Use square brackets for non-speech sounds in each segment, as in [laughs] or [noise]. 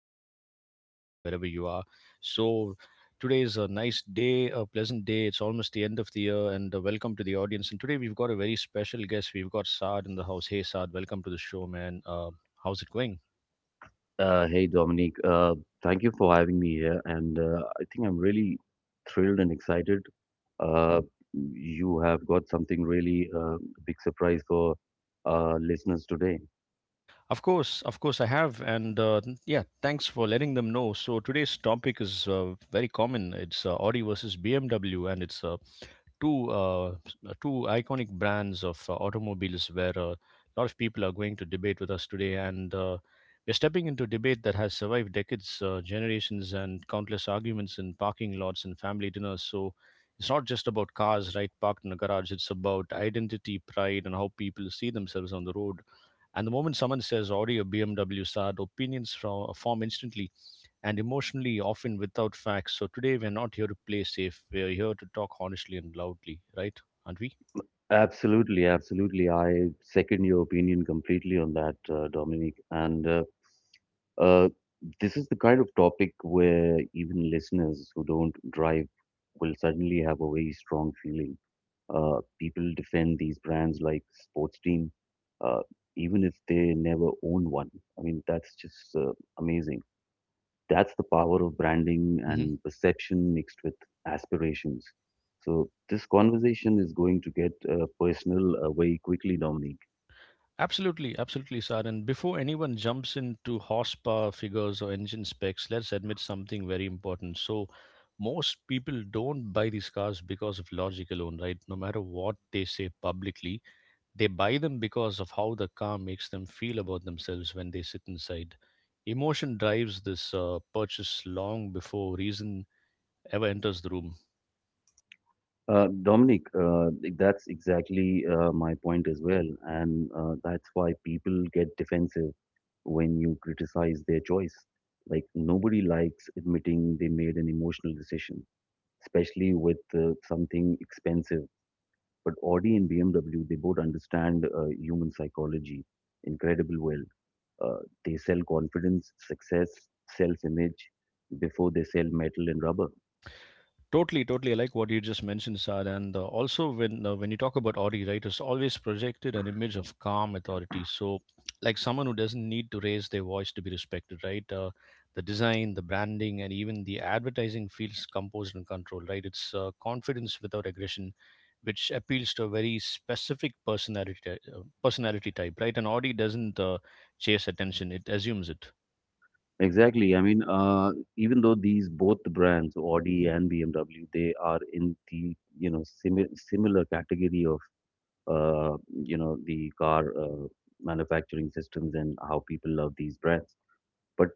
beautiful winter wherever you are. So, today is a nice day, a pleasant day. It's almost the end of the year, and welcome to the audience. And today we've got a very special guest. We've got Saad in the house. Hey, Saad, welcome to the show, man. How's it going? Hey Dominic, thank you for having me here, and I think I'm really thrilled and excited. Uh, you have got something really big surprise for listeners today. Of course, I have, and yeah, thanks for letting them know. So today's topic is very common. It's Audi versus BMW, and it's two iconic brands of automobiles where a lot of people are going to debate with us today, and we're stepping into debate that has survived decades, generations, and countless arguments in parking lots and family dinners. So, it's not just about cars, right, parked in a garage. It's about identity, pride, and how people see themselves on the road, and the moment someone says Audi or BMW SAD, opinions form instantly and emotionally, often without facts. So today we're not here to play safe. We're here to talk honestly and loudly, right? Aren't we? Absolutely, absolutely. I second your opinion completely on that, Dominic. And uh, this is the kind of topic where even listeners who don't drive will suddenly have a very strong feeling. People defend these brands like sports team, uh, even if they never own one. I mean, that's just amazing. That's the power of branding Hmm and perception mixed with aspirations. So this conversation is going to get personal very quickly, Dominic. Absolutely, absolutely, Sar. And before anyone jumps into horsepower figures or engine specs, let's admit something very important. So, most people don't buy these cars because of logic alone, right? No matter what they say publicly, they buy them because of how the car makes them feel about themselves when they sit inside. Emotion drives this purchase long before reason ever enters the room. Dominic, that's exactly my point as well. And that's why people get defensive when you criticize their choice. Like, nobody likes admitting they made an emotional decision, especially with something expensive. But Audi and BMW, they both understand human psychology incredible well. Uh, they sell confidence, success, self image before they sell metal and rubber. Totally, totally. I like what you just mentioned, Saad. And also, when you talk about Audi, right, it's always projected an image of calm authority. So, like someone who doesn't need to raise their voice to be respected, right? The design, the branding, and even the advertising feels composed and controlled, right? It's confidence without aggression, which appeals to a very specific personality type, right? And Audi doesn't chase attention; it assumes it. Exactly. I mean, even though these both the brands, Audi and BMW, they are in the you know similar category of uh, you know the car manufacturing systems and how people love these brands. But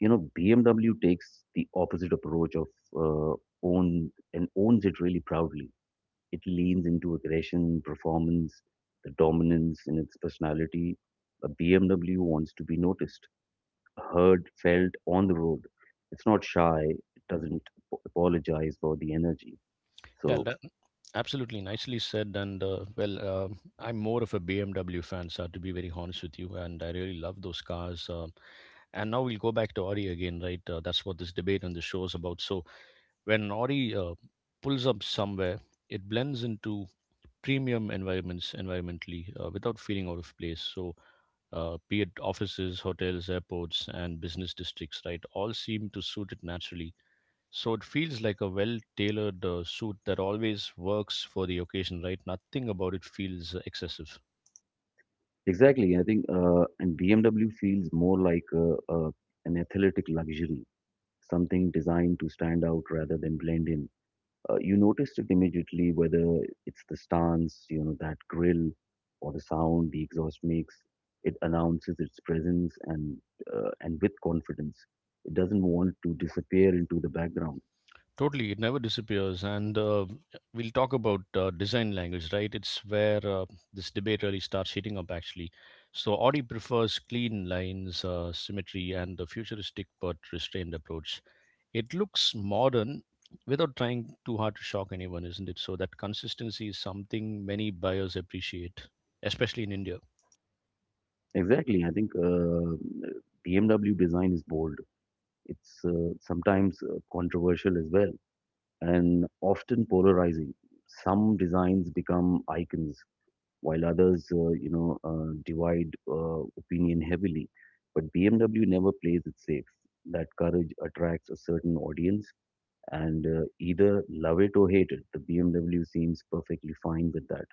you know, BMW takes the opposite approach of uh, own and owns it really proudly. It leans into aggression, performance, the dominance in its personality. A BMW wants to be noticed, heard, felt on the road. It's not shy. It doesn't apologize for the energy. Yeah, So that, absolutely nicely said. And I'm more of a BMW fan, sir, to be very honest with you, and I really love those cars. And now we'll go back to Audi again, right? That's what this debate and the show is about. So when Audi pulls up somewhere, it blends into premium environments environmentally without feeling out of place. So be it offices, hotels, airports, and business districts, right? All seem to suit it naturally. So it feels like a well-tailored suit that always works for the occasion, right? Nothing about it feels excessive. exactly, I think, and BMW feels more like an athletic luxury, something designed to stand out rather than blend in. You noticed it immediately, whether it's the stance, you know, that grill, or the sound the exhaust makes. It announces its presence and with confidence. It doesn't want to disappear into the background. Totally, it never disappears. And we'll talk about design language, right? It's where this debate really starts heating up, actually. So Audi prefers clean lines, symmetry, and a futuristic but restrained approach. It looks modern without trying too hard to shock anyone, isn't it? So that consistency is something many buyers appreciate, especially in India. Exactly. I think BMW design is bold. It's sometimes controversial as well and often polarizing. Some designs become icons while others, divide opinion heavily. But BMW never plays it safe. That courage attracts a certain audience and either love it or hate it. The BMW seems perfectly fine with that.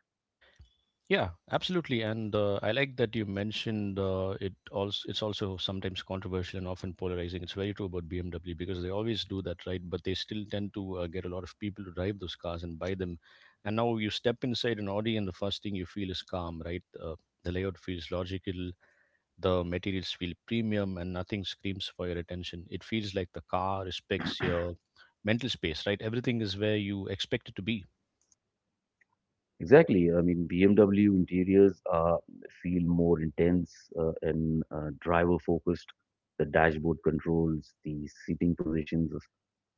Yeah, absolutely. And I like that you mentioned it also it's also sometimes controversial and often polarizing. It's very true about BMW because they always do that, right? But they still tend to get a lot of people to drive those cars and buy them. And now you step inside an Audi and the first thing you feel is calm, right? The layout feels logical, the materials feel premium, and nothing screams for your attention. It feels like the car respects your mental space, right? Everything is where you expect it to be. Exactly. I mean, BMW interiors feel more intense and driver focused. The dashboard controls, the seating positions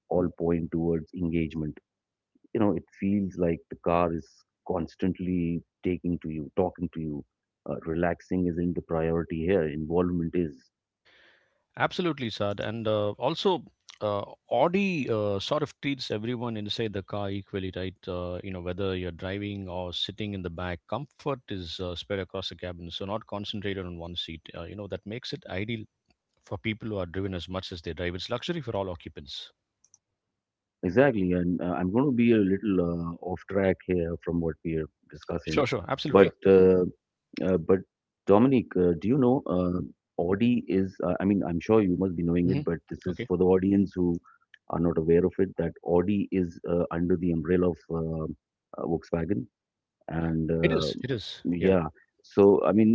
all point towards engagement. You know, it feels like the car is constantly taking to you, talking to you. Relaxing isn't the priority here, involvement is. Absolutely, Sad. And uh, Audi sort of treats everyone inside the car equally, right? You know, whether you're driving or sitting in the back, comfort is spread across the cabin, so not concentrated on one seat. You know, that makes it ideal for people who are driven as much as they drive. It's luxury for all occupants. Exactly. And I'm going to be a little off track here from what we are discussing. Sure, sure. But Absolutely. mhm. But Dominic, do you know Audi is? I mean, I'm sure you must be knowing it, Hmm but this is Okay. for the audience who are not aware of it. That Audi is under the umbrella of Volkswagen, and It is. It is. Yeah. yeah. So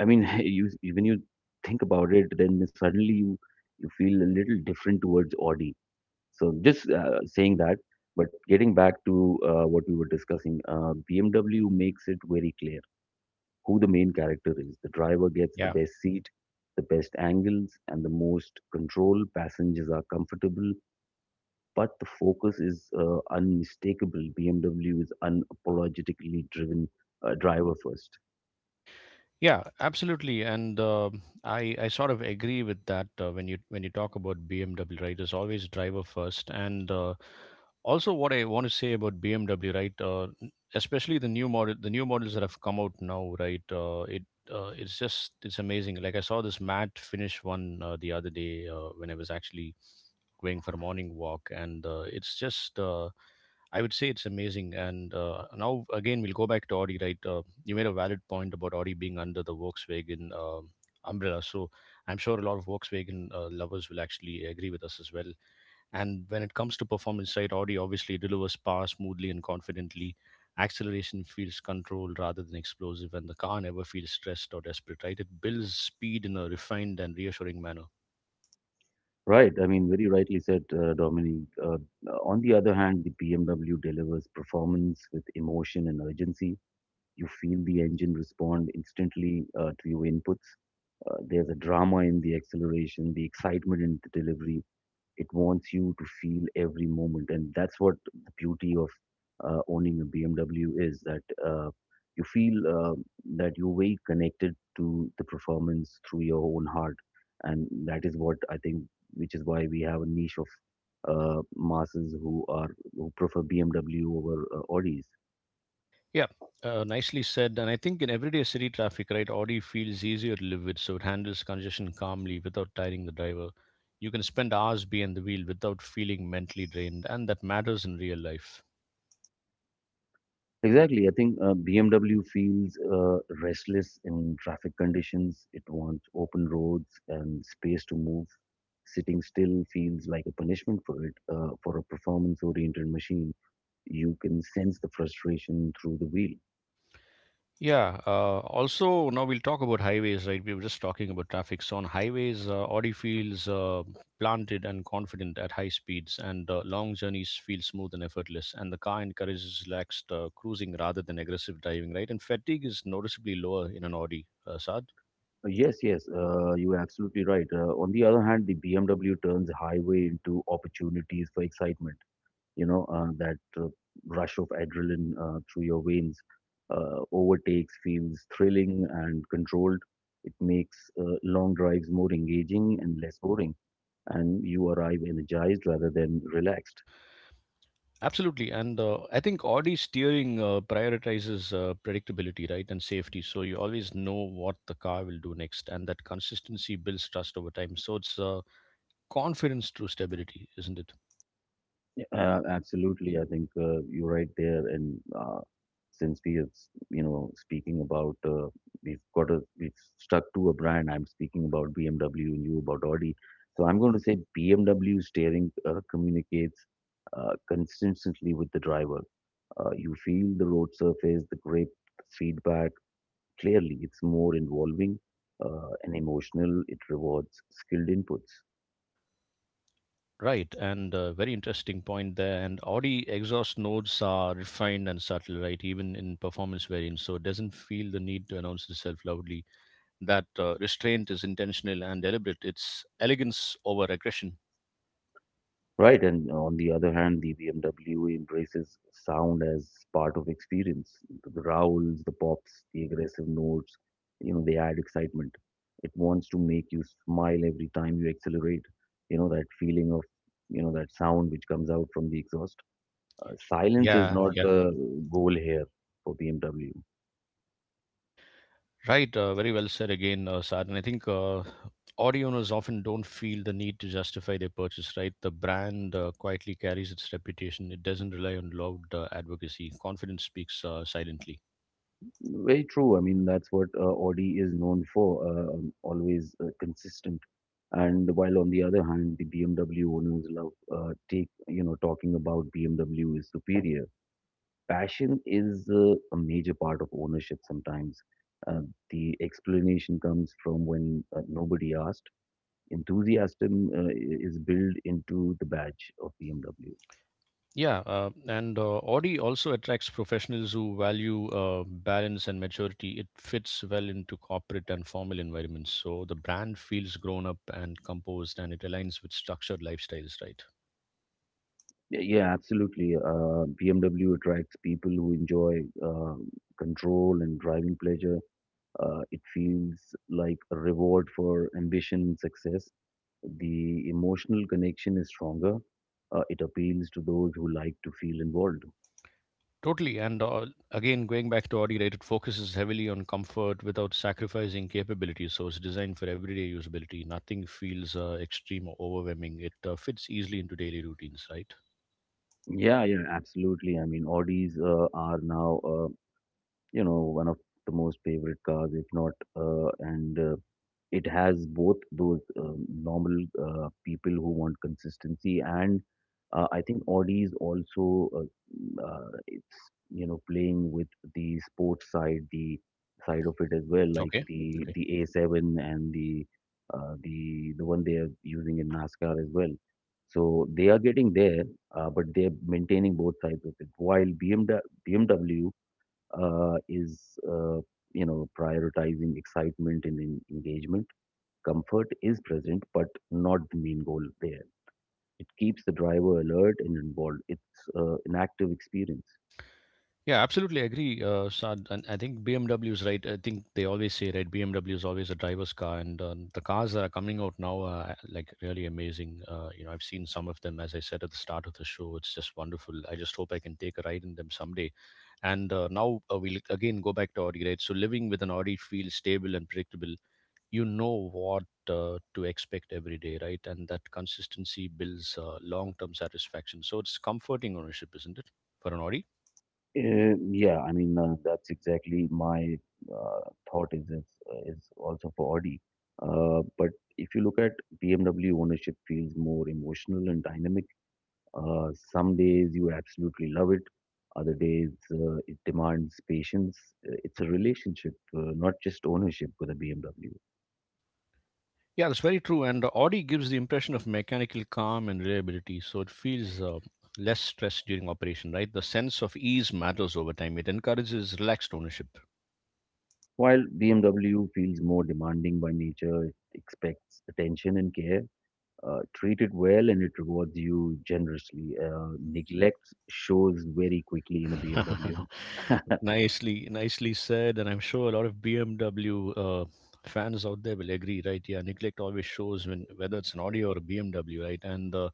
I mean, [laughs] you when you think about it, then suddenly you feel a little different towards Audi. So just saying that. But getting back to what we were discussing, BMW makes it very clear who the main character is. The driver gets the Yeah. best seat, the best angles, and the most control. Passengers are comfortable, but the focus is unmistakable. BMW is unapologetically driven driver first. Yeah, absolutely, and I sort of agree with that when you talk about BMW, right? It's always driver first, and also what I want to say about BMW, right? Especially the new model, the new models that have come out now, right? It's just it's amazing. Like I saw this matte finish one the other day when I was actually going for a morning walk, and it's just. I would say it's amazing, and now again we'll go back to Audi, right? You made a valid point about Audi being under the Volkswagen umbrella. So I'm sure a lot of Volkswagen lovers will actually agree with us as well. And when it comes to performance side, Audi obviously delivers power smoothly and confidently. Acceleration feels controlled rather than explosive, and the car never feels stressed or desperate, right? It builds speed in a refined and reassuring manner. Right, I mean, very rightly said, Dominique. On the other hand, the BMW delivers performance with emotion and urgency. You feel the engine respond instantly to your inputs. There's a drama in the acceleration, the excitement in the delivery. It wants you to feel every moment, and that's what the beauty of owning a BMW is, that you feel that you're very connected to the performance through your own heart, and that is what I think, which is why we have a niche of masses who prefer BMW over Audis. Yeah, nicely said. And I think in everyday city traffic, right, Audi feels easier to live with, so it handles congestion calmly without tiring the driver. You can spend hours behind the wheel without feeling mentally drained, and that matters in real life. Exactly. I think BMW feels restless in traffic conditions. It wants open roads and space to move. Sitting still feels like a punishment for it. For a performance oriented machine, you can sense the frustration through the wheel. Yeah. Also, now we'll talk about highways, right? We were just talking about traffic. So on highways, Audi feels planted and confident at high speeds, and long journeys feel smooth and effortless. And the car encourages relaxed cruising rather than aggressive driving, right? And fatigue is noticeably lower in an Audi, Saad. Yes, yes, you're absolutely right. On the other hand, the BMW turns highway into opportunities for excitement. You know that rush of adrenaline through your veins, overtakes feels thrilling and controlled. It makes long drives more engaging and less boring, and you arrive energized rather than relaxed. Absolutely, and I think Audi steering prioritizes predictability, right, and safety. So you always know what the car will do next, and that consistency builds trust over time. So it's confidence through stability, isn't it? Absolutely, I think you're right there. And since we are, you know, speaking about, we've got we've stuck to a brand. I'm speaking about BMW and you about Audi. So I'm going to say BMW steering communicates consistently with the driver. You feel the road surface, the grip, feedback clearly. It's more involving and emotional. It rewards skilled inputs. Right, and very interesting point there. And Audi exhaust notes are refined and subtle, right? Even in performance variants, so it doesn't feel the need to announce itself loudly. That restraint is intentional and deliberate. It's elegance over aggression. Right, and on the other hand, the BMW embraces sound as part of experience. The growls, the pops, the aggressive notes, you know, they add excitement. It wants to make you smile every time you accelerate. You know, that feeling of, you know, that sound which comes out from the exhaust. Silence is Yeah, not yeah, the goal here for BMW. right. Very well said again, Saad. And I think Audi owners often don't feel the need to justify their purchase, right? The brand quietly carries its reputation. It doesn't rely on loud advocacy. Confidence speaks silently. Very true. I mean, that's what Audi is known for, always consistent. And while on the other hand, the BMW owners love you know, talking about BMW is superior. Passion is a major part of ownership sometimes. Uh, the explanation comes from when nobody asked. Enthusiasm is built into the badge of BMW. Yeah, and Audi also attracts professionals who value balance and maturity. It fits well into corporate and formal environments. So the brand feels grown up and composed, and it aligns with structured lifestyles, right? Yeah, yeah, absolutely. BMW attracts people who enjoy control and driving pleasure. It feels like a reward for ambition and success. The emotional connection is stronger. It appeals to those who like to feel involved. Totally. And again, going back to Audi, right, it focuses heavily on comfort without sacrificing capability. So it's designed for everyday usability. Nothing feels extreme or overwhelming. It fits easily into daily routines, right? Yeah, yeah, absolutely. I mean, Audis are now you know one of the most favorite cars, if not and it has both those normal people who want consistency, and I think Audi is also uh, it's you know playing with the sports side, the side of it as well, like Okay. the Okay. the A7 and the one they are using in NASCAR as well, so they are getting there, but they're maintaining both sides of it. While BMW, is you know prioritizing excitement and engagement, comfort is present but not the main goal there. It keeps the driver alert and involved. It's an active experience. Yeah, absolutely agree, Saad. And I think BMW is right. I think they always say, right, BMW is always a driver's car, and the cars that are coming out now are like really amazing. You know, I've seen some of them, as I said at the start of the show. It's just wonderful. I just hope I can take a ride in them someday. And now we'll again go back to Audi, right? So living with an Audi feels stable and predictable. You know what to expect every day, right? And that consistency builds long-term satisfaction. So it's comforting ownership, isn't it, for an Audi? uh, yeah, I mean, that's exactly my uh, thought is also for Audi, but if you look at BMW, ownership feels more emotional and dynamic. Some days you absolutely love it, other days it demands patience. It's a relationship, not just ownership with a BMW. Yeah, that's very true. And the Audi gives the impression of mechanical calm and reliability, so it feels less stress during operation, right? The sense of ease matters over time. It encourages relaxed ownership. While BMW feels more demanding by nature, it expects attention and care. Treat it well and it rewards you generously. Neglect shows very quickly in a BMW. [laughs] [laughs] Nicely, nicely said. And I'm sure a lot of BMW fans out there will agree, right? Yeah, neglect always shows when whether it's an Audi or a BMW, right? And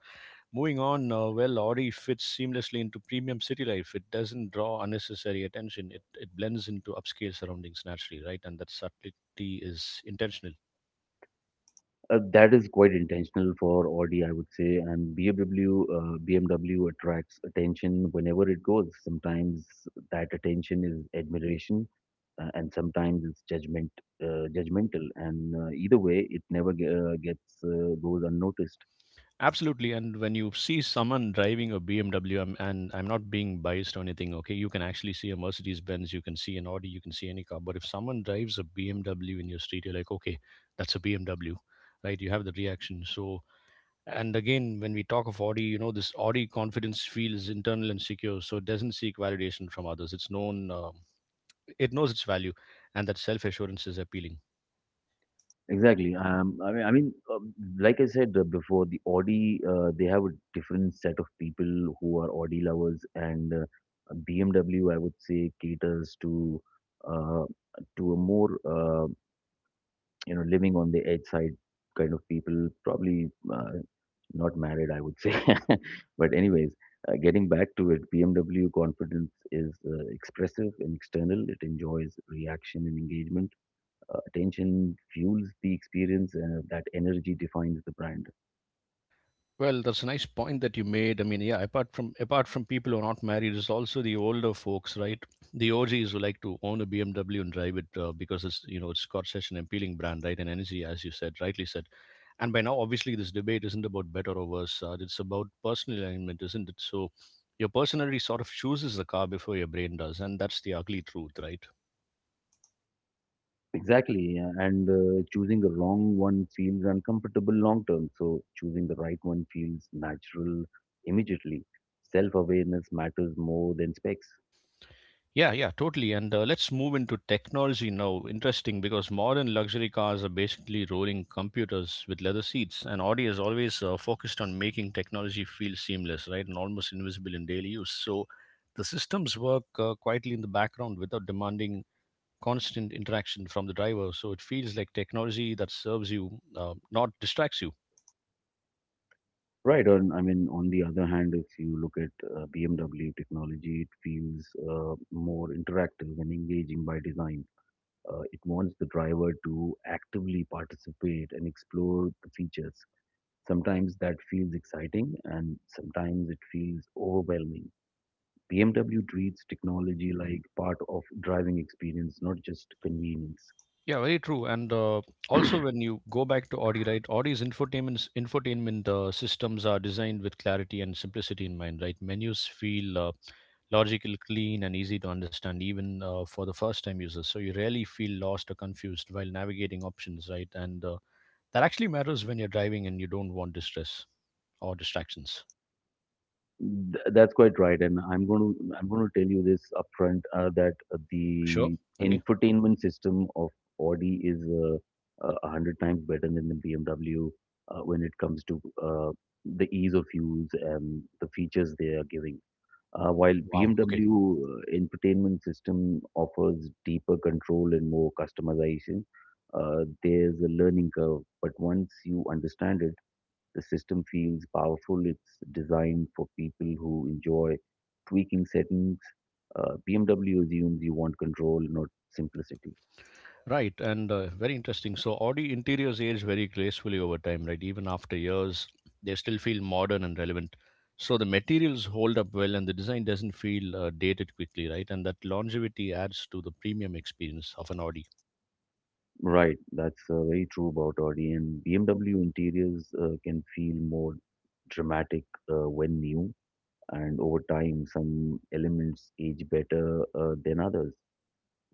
moving on, well, Audi fits seamlessly into premium city life. It doesn't draw unnecessary attention. It blends into upscale surroundings naturally, right? And that subtlety is intentional. That is quite intentional for Audi, I would say. And BMW, BMW attracts attention whenever it goes. Sometimes that attention is admiration, and sometimes it's judgmental. And either way, it never ge- gets goes unnoticed. Absolutely. And when you see someone driving a BMW, and I'm not being biased or anything, okay? You can actually see a Mercedes Benz, you can see an Audi, you can see any car. But if someone drives a BMW in your street, you're like, okay, that's a BMW, right? You have the reaction. So, and again, when we talk of Audi, you know, this Audi confidence feels internal and secure, so it doesn't seek validation from others. It's known, it knows its value, and that self assurance is appealing. Exactly. I mean, like I said before, the Audi, they have a different set of people who are Audi lovers, and BMW, I would say, caters to uh, a more you know living on the edge side kind of people, probably not married, I would say. [laughs] But anyways, getting back to it, BMW confidence is expressive and external. It enjoys reaction and engagement. Attention fuels the experience, and that energy defines the brand. Well, that's a nice point that you made. I mean, yeah, apart from people who are not married, it's also the older folks, right? The OGs who like to own a BMW and drive it because it's you know it's got such an appealing brand, right? And energy, as you said, rightly said. And by now, obviously, this debate isn't about better or worse. It's about personal alignment, isn't it? So, your personality sort of chooses the car before your brain does, and that's the ugly truth, right? Exactly, yeah, and choosing the wrong one feels uncomfortable long term, so choosing the right one feels natural immediately. Self awareness matters more than specs. Yeah, yeah, totally. And let's move into technology now. Interesting because modern luxury cars are basically rolling computers with leather seats, and Audi is always focused on making technology feel seamless, right, and almost invisible in daily use. So the systems work quietly in the background without demanding constant interaction from the driver. So it feels like technology that serves you, not distracts you. Right, and I mean, on the other hand, if you look at BMW technology, it feels more interactive and engaging by design. It wants the driver to actively participate and explore the features. Sometimes that feels exciting and sometimes it feels overwhelming. BMW treats technology like part of driving experience, not just convenience. Yeah, very true. And also, when you go back to Audi, right? Audi's infotainment systems are designed with clarity and simplicity in mind, right? Menus feel logical, clean, and easy to understand, even for the first-time users. So you rarely feel lost or confused while navigating options, right? And that actually matters when you're driving and you don't want distress or distractions. That's quite right, and I'm going to tell you this upfront that Sure. the Okay. infotainment system of Audi is a hundred times better than the BMW when it comes to the ease of use and the features they are giving. While Wow. Okay. BMW infotainment system offers deeper control and more customization, there's a learning curve. But once you understand it, the system feels powerful. It's designed for people who enjoy tweaking settings. BMW assumes you want control, not simplicity. Right, and very interesting. So Audi interiors age very gracefully over time, right? Even after years, they still feel modern and relevant. So the materials hold up well, and the design doesn't feel dated quickly, right? And that longevity adds to the premium experience of an Audi. Right, that's very true about Audi. And BMW interiors can feel more dramatic when new, and over time, some elements age better than others.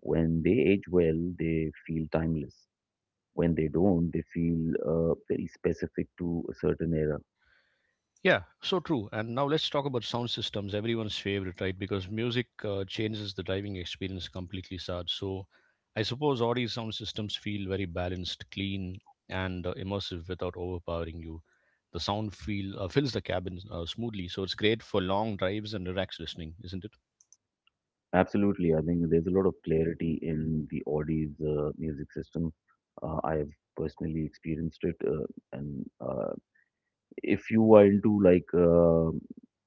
When they age well, they feel timeless. When they don't, they feel very specific to a certain era. Yeah, so true. And now let's talk about sound systems, everyone's favorite, right? Because music changes the driving experience completely, Sad. So I suppose Audi's sound systems feel very balanced, clean, and immersive without overpowering you. The sound feel fills the cabin smoothly, so it's great for long drives and relaxed listening, isn't it? Absolutely. I think there's a lot of clarity in the Audi's music system. I have personally experienced it. And If you are into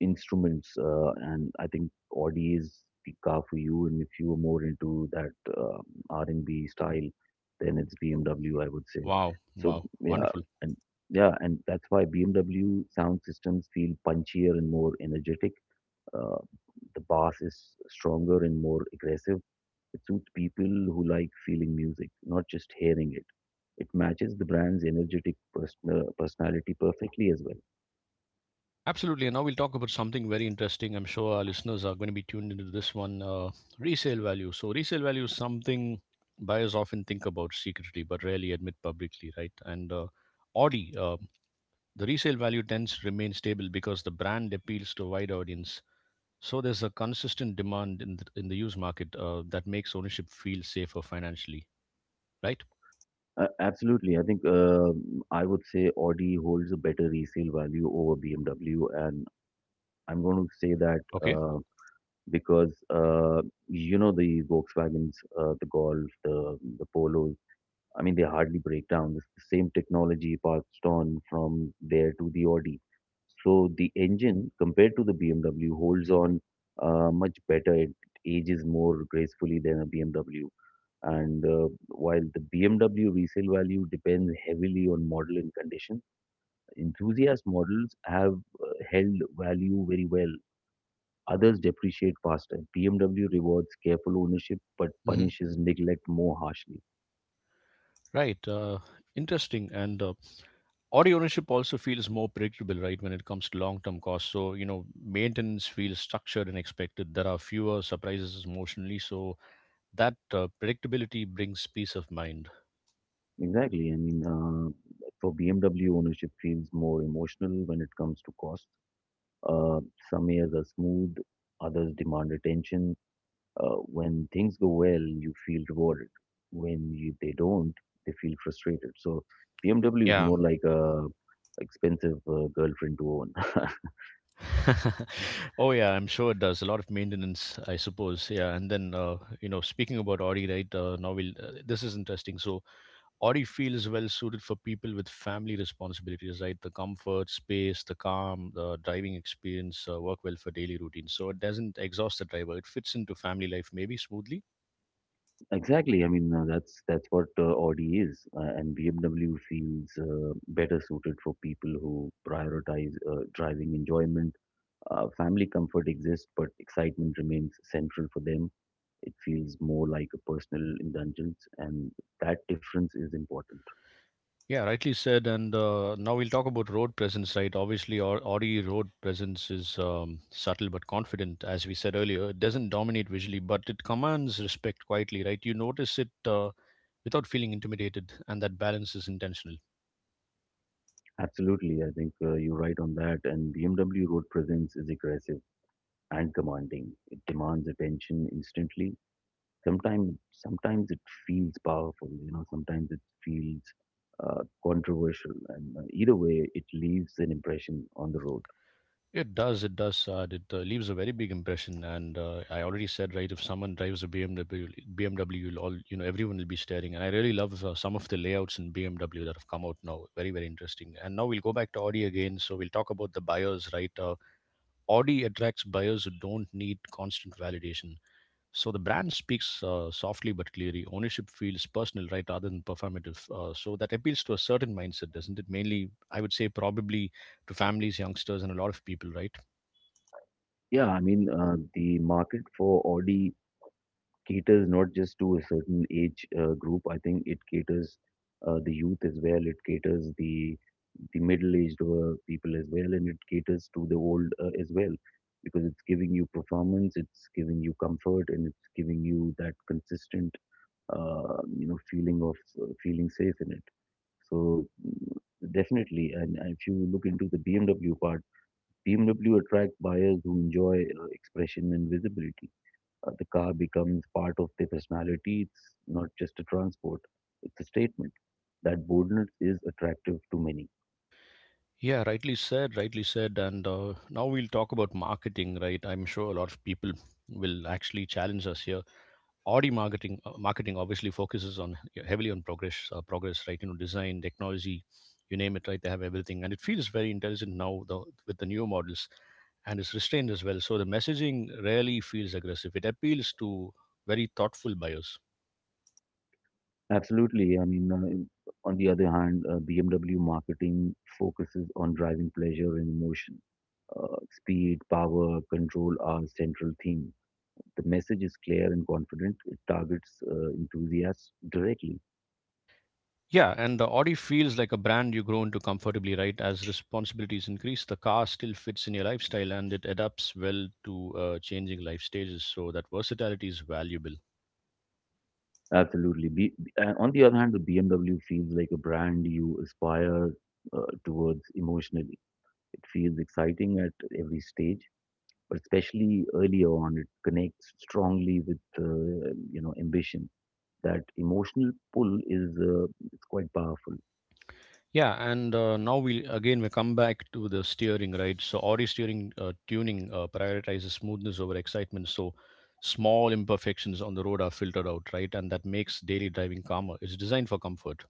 instruments, and I think Audi is the car for you. And if you are more into that R&B style, then it's BMW, I would say. Wow, So wow, yeah, wonderful. and yeah, and that's why BMW sound systems feel punchier and more energetic, uh, the bass is stronger and more aggressive. It suits people who like feeling music, not just hearing it. It matches the brand's energetic personality perfectly as well. Absolutely. And now we'll talk about something very interesting. I'm sure our listeners are going to be tuned into this one resale value. So, resale value is something buyers often think about secretly but rarely admit publicly, right? And Audi, the resale value tends to remain stable because the brand appeals to a wide audience. So, there's a consistent demand in the used market that makes ownership feel safer financially, right? Absolutely, I think I would say Audi holds a better resale value over BMW, and I'm going to say that, Okay. Because, you know, the Volkswagens, the Golf, the Polos, I mean, they hardly break down. It's the same technology passed on from there to the Audi. So the engine, compared to the BMW, holds on much better. It ages more gracefully than a BMW. And while the BMW resale value depends heavily on model and condition, enthusiast models have held value very well. Others depreciate faster. BMW rewards careful ownership but Hmm. punishes neglect more harshly. Right. Interesting. And Audio ownership also feels more predictable, right, when it comes to long term costs. So, you know, maintenance feels structured and expected. There are fewer surprises emotionally. So, that predictability brings peace of mind. Exactly. I mean, for BMW, ownership feels more emotional when it comes to cost. Uh, some years are smooth, others demand attention. When things go well, you feel rewarded. When you, they don't, they feel frustrated. So BMW is Yeah. more like a expensive girlfriend to own. [laughs] [laughs] Oh yeah, I'm sure it does a lot of maintenance, I suppose. Yeah, and then you know, speaking about Audi, right? Now we'll this is interesting. So Audi feels well suited for people with family responsibilities, right? The comfort, space, the calm, the driving experience work well for daily routines. So it doesn't exhaust the driver. It fits into family life maybe smoothly. Exactly. I mean, that's what Audi is, and BMW feels better suited for people who prioritize driving enjoyment. Family comfort exists, but excitement remains central for them. It feels more like a personal indulgence, and that difference is important. Yeah, rightly said. And now we'll talk about road presence, right? Obviously, Audi road presence is subtle but confident, as we said earlier. It doesn't dominate visually, but it commands respect quietly, right? You notice it without feeling intimidated, and that balance is intentional. Absolutely, I think you're right on that. And BMW Road Presence is aggressive and commanding. It demands attention instantly. Sometimes it feels powerful. You know, sometimes it feels controversial, and either way it leaves an impression on the road. It does, it does. It leaves a very big impression, and I already said, right, if someone drives a BMW, you'll all, you know, everyone will be staring. And I really love some of the layouts in BMW that have come out now. Very, very interesting. And now we'll go back to Audi again. So we'll talk about the buyers, right? Audi attracts buyers who don't need constant validation. So the brand speaks softly but clearly. Ownership feels personal, right, rather than performative. So that appeals to a certain mindset, doesn't it? Mainly, I would say, probably to families, youngsters, and a lot of people, right? Yeah, I mean, the market for Audi caters not just to a certain age group. I think it caters the youth as well, it caters the middle-aged people as well, and it caters to the old as well, because it's giving you performance, it's giving you comfort, and it's giving you that consistent, you know, feeling of feeling safe in it. so mm, Definitely. And if you look into the BMW part, BMW attracts buyers who enjoy expression and visibility. The car becomes part of their personality, it's not just a transport, it's a statement. That boldness is attractive to many. Yeah, rightly said, rightly said. And now we'll talk about marketing, right? I'm sure a lot of people will actually challenge us here. Audi marketing obviously focuses on yeah, heavily on progress, right? You know, design, technology, you name it, right? They have everything, and it feels very intelligent now though, with the new models, and it's restrained as well. So the messaging rarely feels aggressive. It appeals to very thoughtful buyers. Absolutely. I mean, on the other hand, BMW marketing focuses on driving pleasure and emotion. Speed, power, control are central themes. The message is clear and confident. It targets enthusiasts directly. Yeah, and the Audi feels like a brand you grow into comfortably, right? As responsibilities increase, the car still fits in your lifestyle and it adapts well to changing life stages. So that versatility is valuable. Absolutely. On the other hand, the BMW feels like a brand you aspire towards emotionally. It feels exciting at every stage, but especially earlier on, it connects strongly with, you know, ambition. That emotional pull is, it's quite powerful. Yeah, and now we come back to the steering, right? So Audi steering tuning prioritizes smoothness over excitement. So small imperfections on the road are filtered out, right? And that makes daily driving calmer. It's designed for comfort.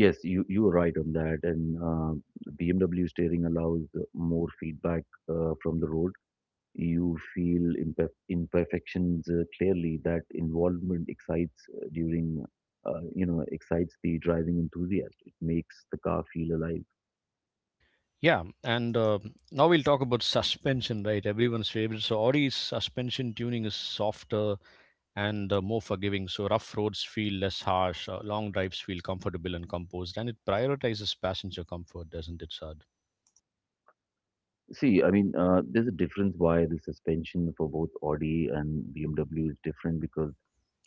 Yes, you are right on that. And BMW steering allows more feedback from the road. You feel imperfections clearly. That involvement excites you know, excites the driving enthusiast. It makes the car feel alive. Yeah, and now we'll talk about suspension, right? Everyone's favorite. So Audi's suspension tuning is softer and more forgiving. So rough roads feel less harsh, long drives feel comfortable and composed, and it prioritizes passenger comfort, doesn't it, Sad? See, I mean, there's a difference why the suspension for both Audi and BMW is different, because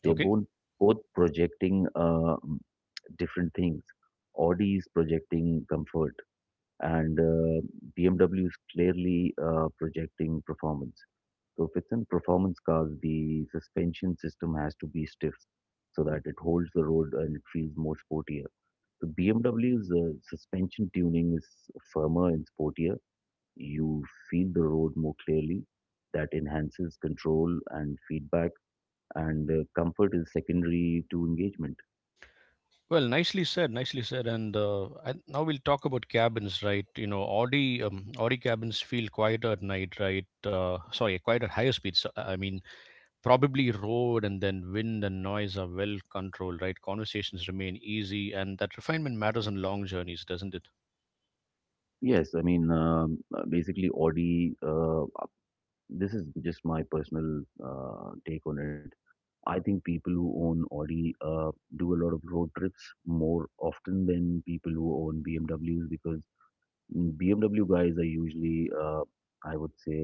they're Okay. both projecting different things. Audi is projecting comfort, and BMW is clearly projecting performance. So if it's in performance cars, the suspension system has to be stiff so that it holds the road and it feels more sportier. The BMW's suspension tuning is firmer and sportier. You feel the road more clearly. That enhances control and feedback, and comfort is secondary to engagement. Well, nicely said, nicely said. And now we'll talk about cabins, right? You know, Audi cabins feel quieter at night, right? Sorry, quieter at higher speeds. So, I mean, probably road and then wind and noise are well controlled, right? Conversations remain easy, and that refinement matters on long journeys, doesn't it? Yes, I mean, basically Audi. This is just my personal take on it. I think people who own Audi do a lot of road trips more often than people who own BMWs, because BMW guys are usually, I would say,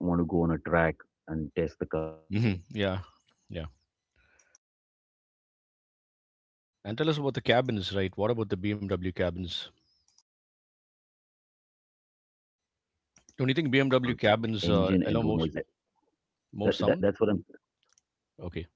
want to go on a track and test the car out Hmm. or Yeah, something like that. yeah. So, yes, BMW And tell us about the cabin cabins, noise right? What about allow the more BMW sound to cabins? enter intentionally. That's because of that engine Don't you and think road noise. BMW Add, cabins allow that, that that's what most I'm— sound? Okay,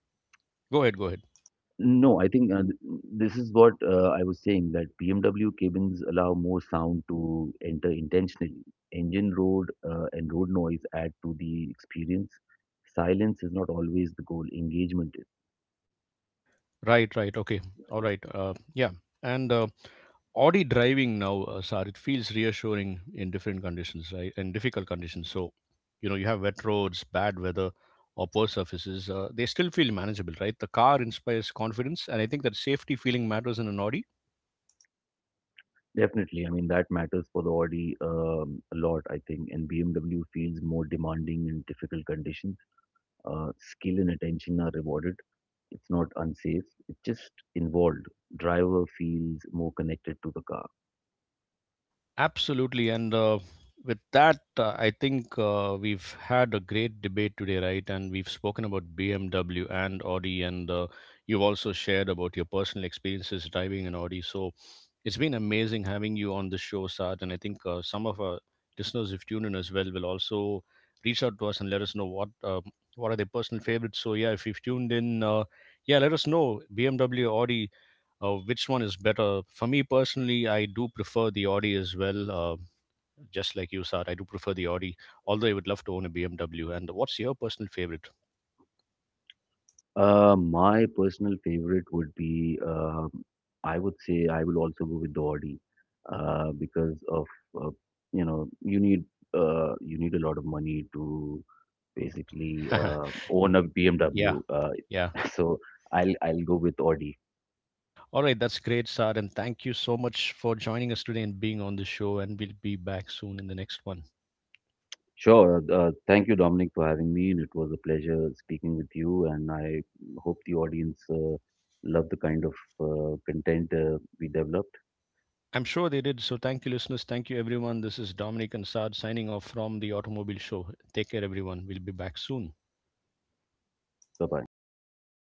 go ahead, go ahead. No, I think this is what I was saying, that BMW cabins allow more sound to enter intentionally. Engine road and road noise add to the experience. Silence is not always the goal, engagement is. Right, right. Okay, all right. Yeah, and Audi driving now, Sar, it feels reassuring in different conditions, right? And difficult conditions. So, you know, you have wet roads, bad weather, or poor surfaces. They still feel manageable, right? The car inspires confidence, and I think that safety feeling matters in an Audi. Definitely. I mean, that matters for the Audi a lot, I think, and BMW feels more demanding in difficult conditions. Skill and attention are rewarded. It's not unsafe, it's just involved. Driver feels more connected to the car. Absolutely. And with that, I think we've had a great debate today, right? And we've spoken about BMW and Audi, and you've also shared about your personal experiences driving an Audi. So it's been amazing having you on the show, Saad. And I think some of our listeners who've tuned in as well will also reach out to us and let us know what are their personal favorites. So yeah, if you've tuned in, yeah, let us know BMW, Audi which one is better. For me personally, I do prefer the Audi as well, just like you said. I do prefer the Audi, although I would love to own a BMW. And what's your personal favorite? My personal favorite would be, I would say, I will also go with the Audi, because of, uh, you know, you need, you need a lot of money to basically [laughs] own a Yeah. BMW. Yeah. [laughs] so I'll go with Audi. All right, that's great, Sad, and thank you so much for joining us today and being on the show, and we'll be back soon in the next one. Sure. Thank you, Dominic, for having me, and it was a pleasure speaking with you. And I hope the audience loved the kind of content we developed. I'm sure they did. So thank you, listeners, thank you everyone. This is Dominic and Sad signing off from the automobile show. Take care everyone, we'll be back soon. Bye bye.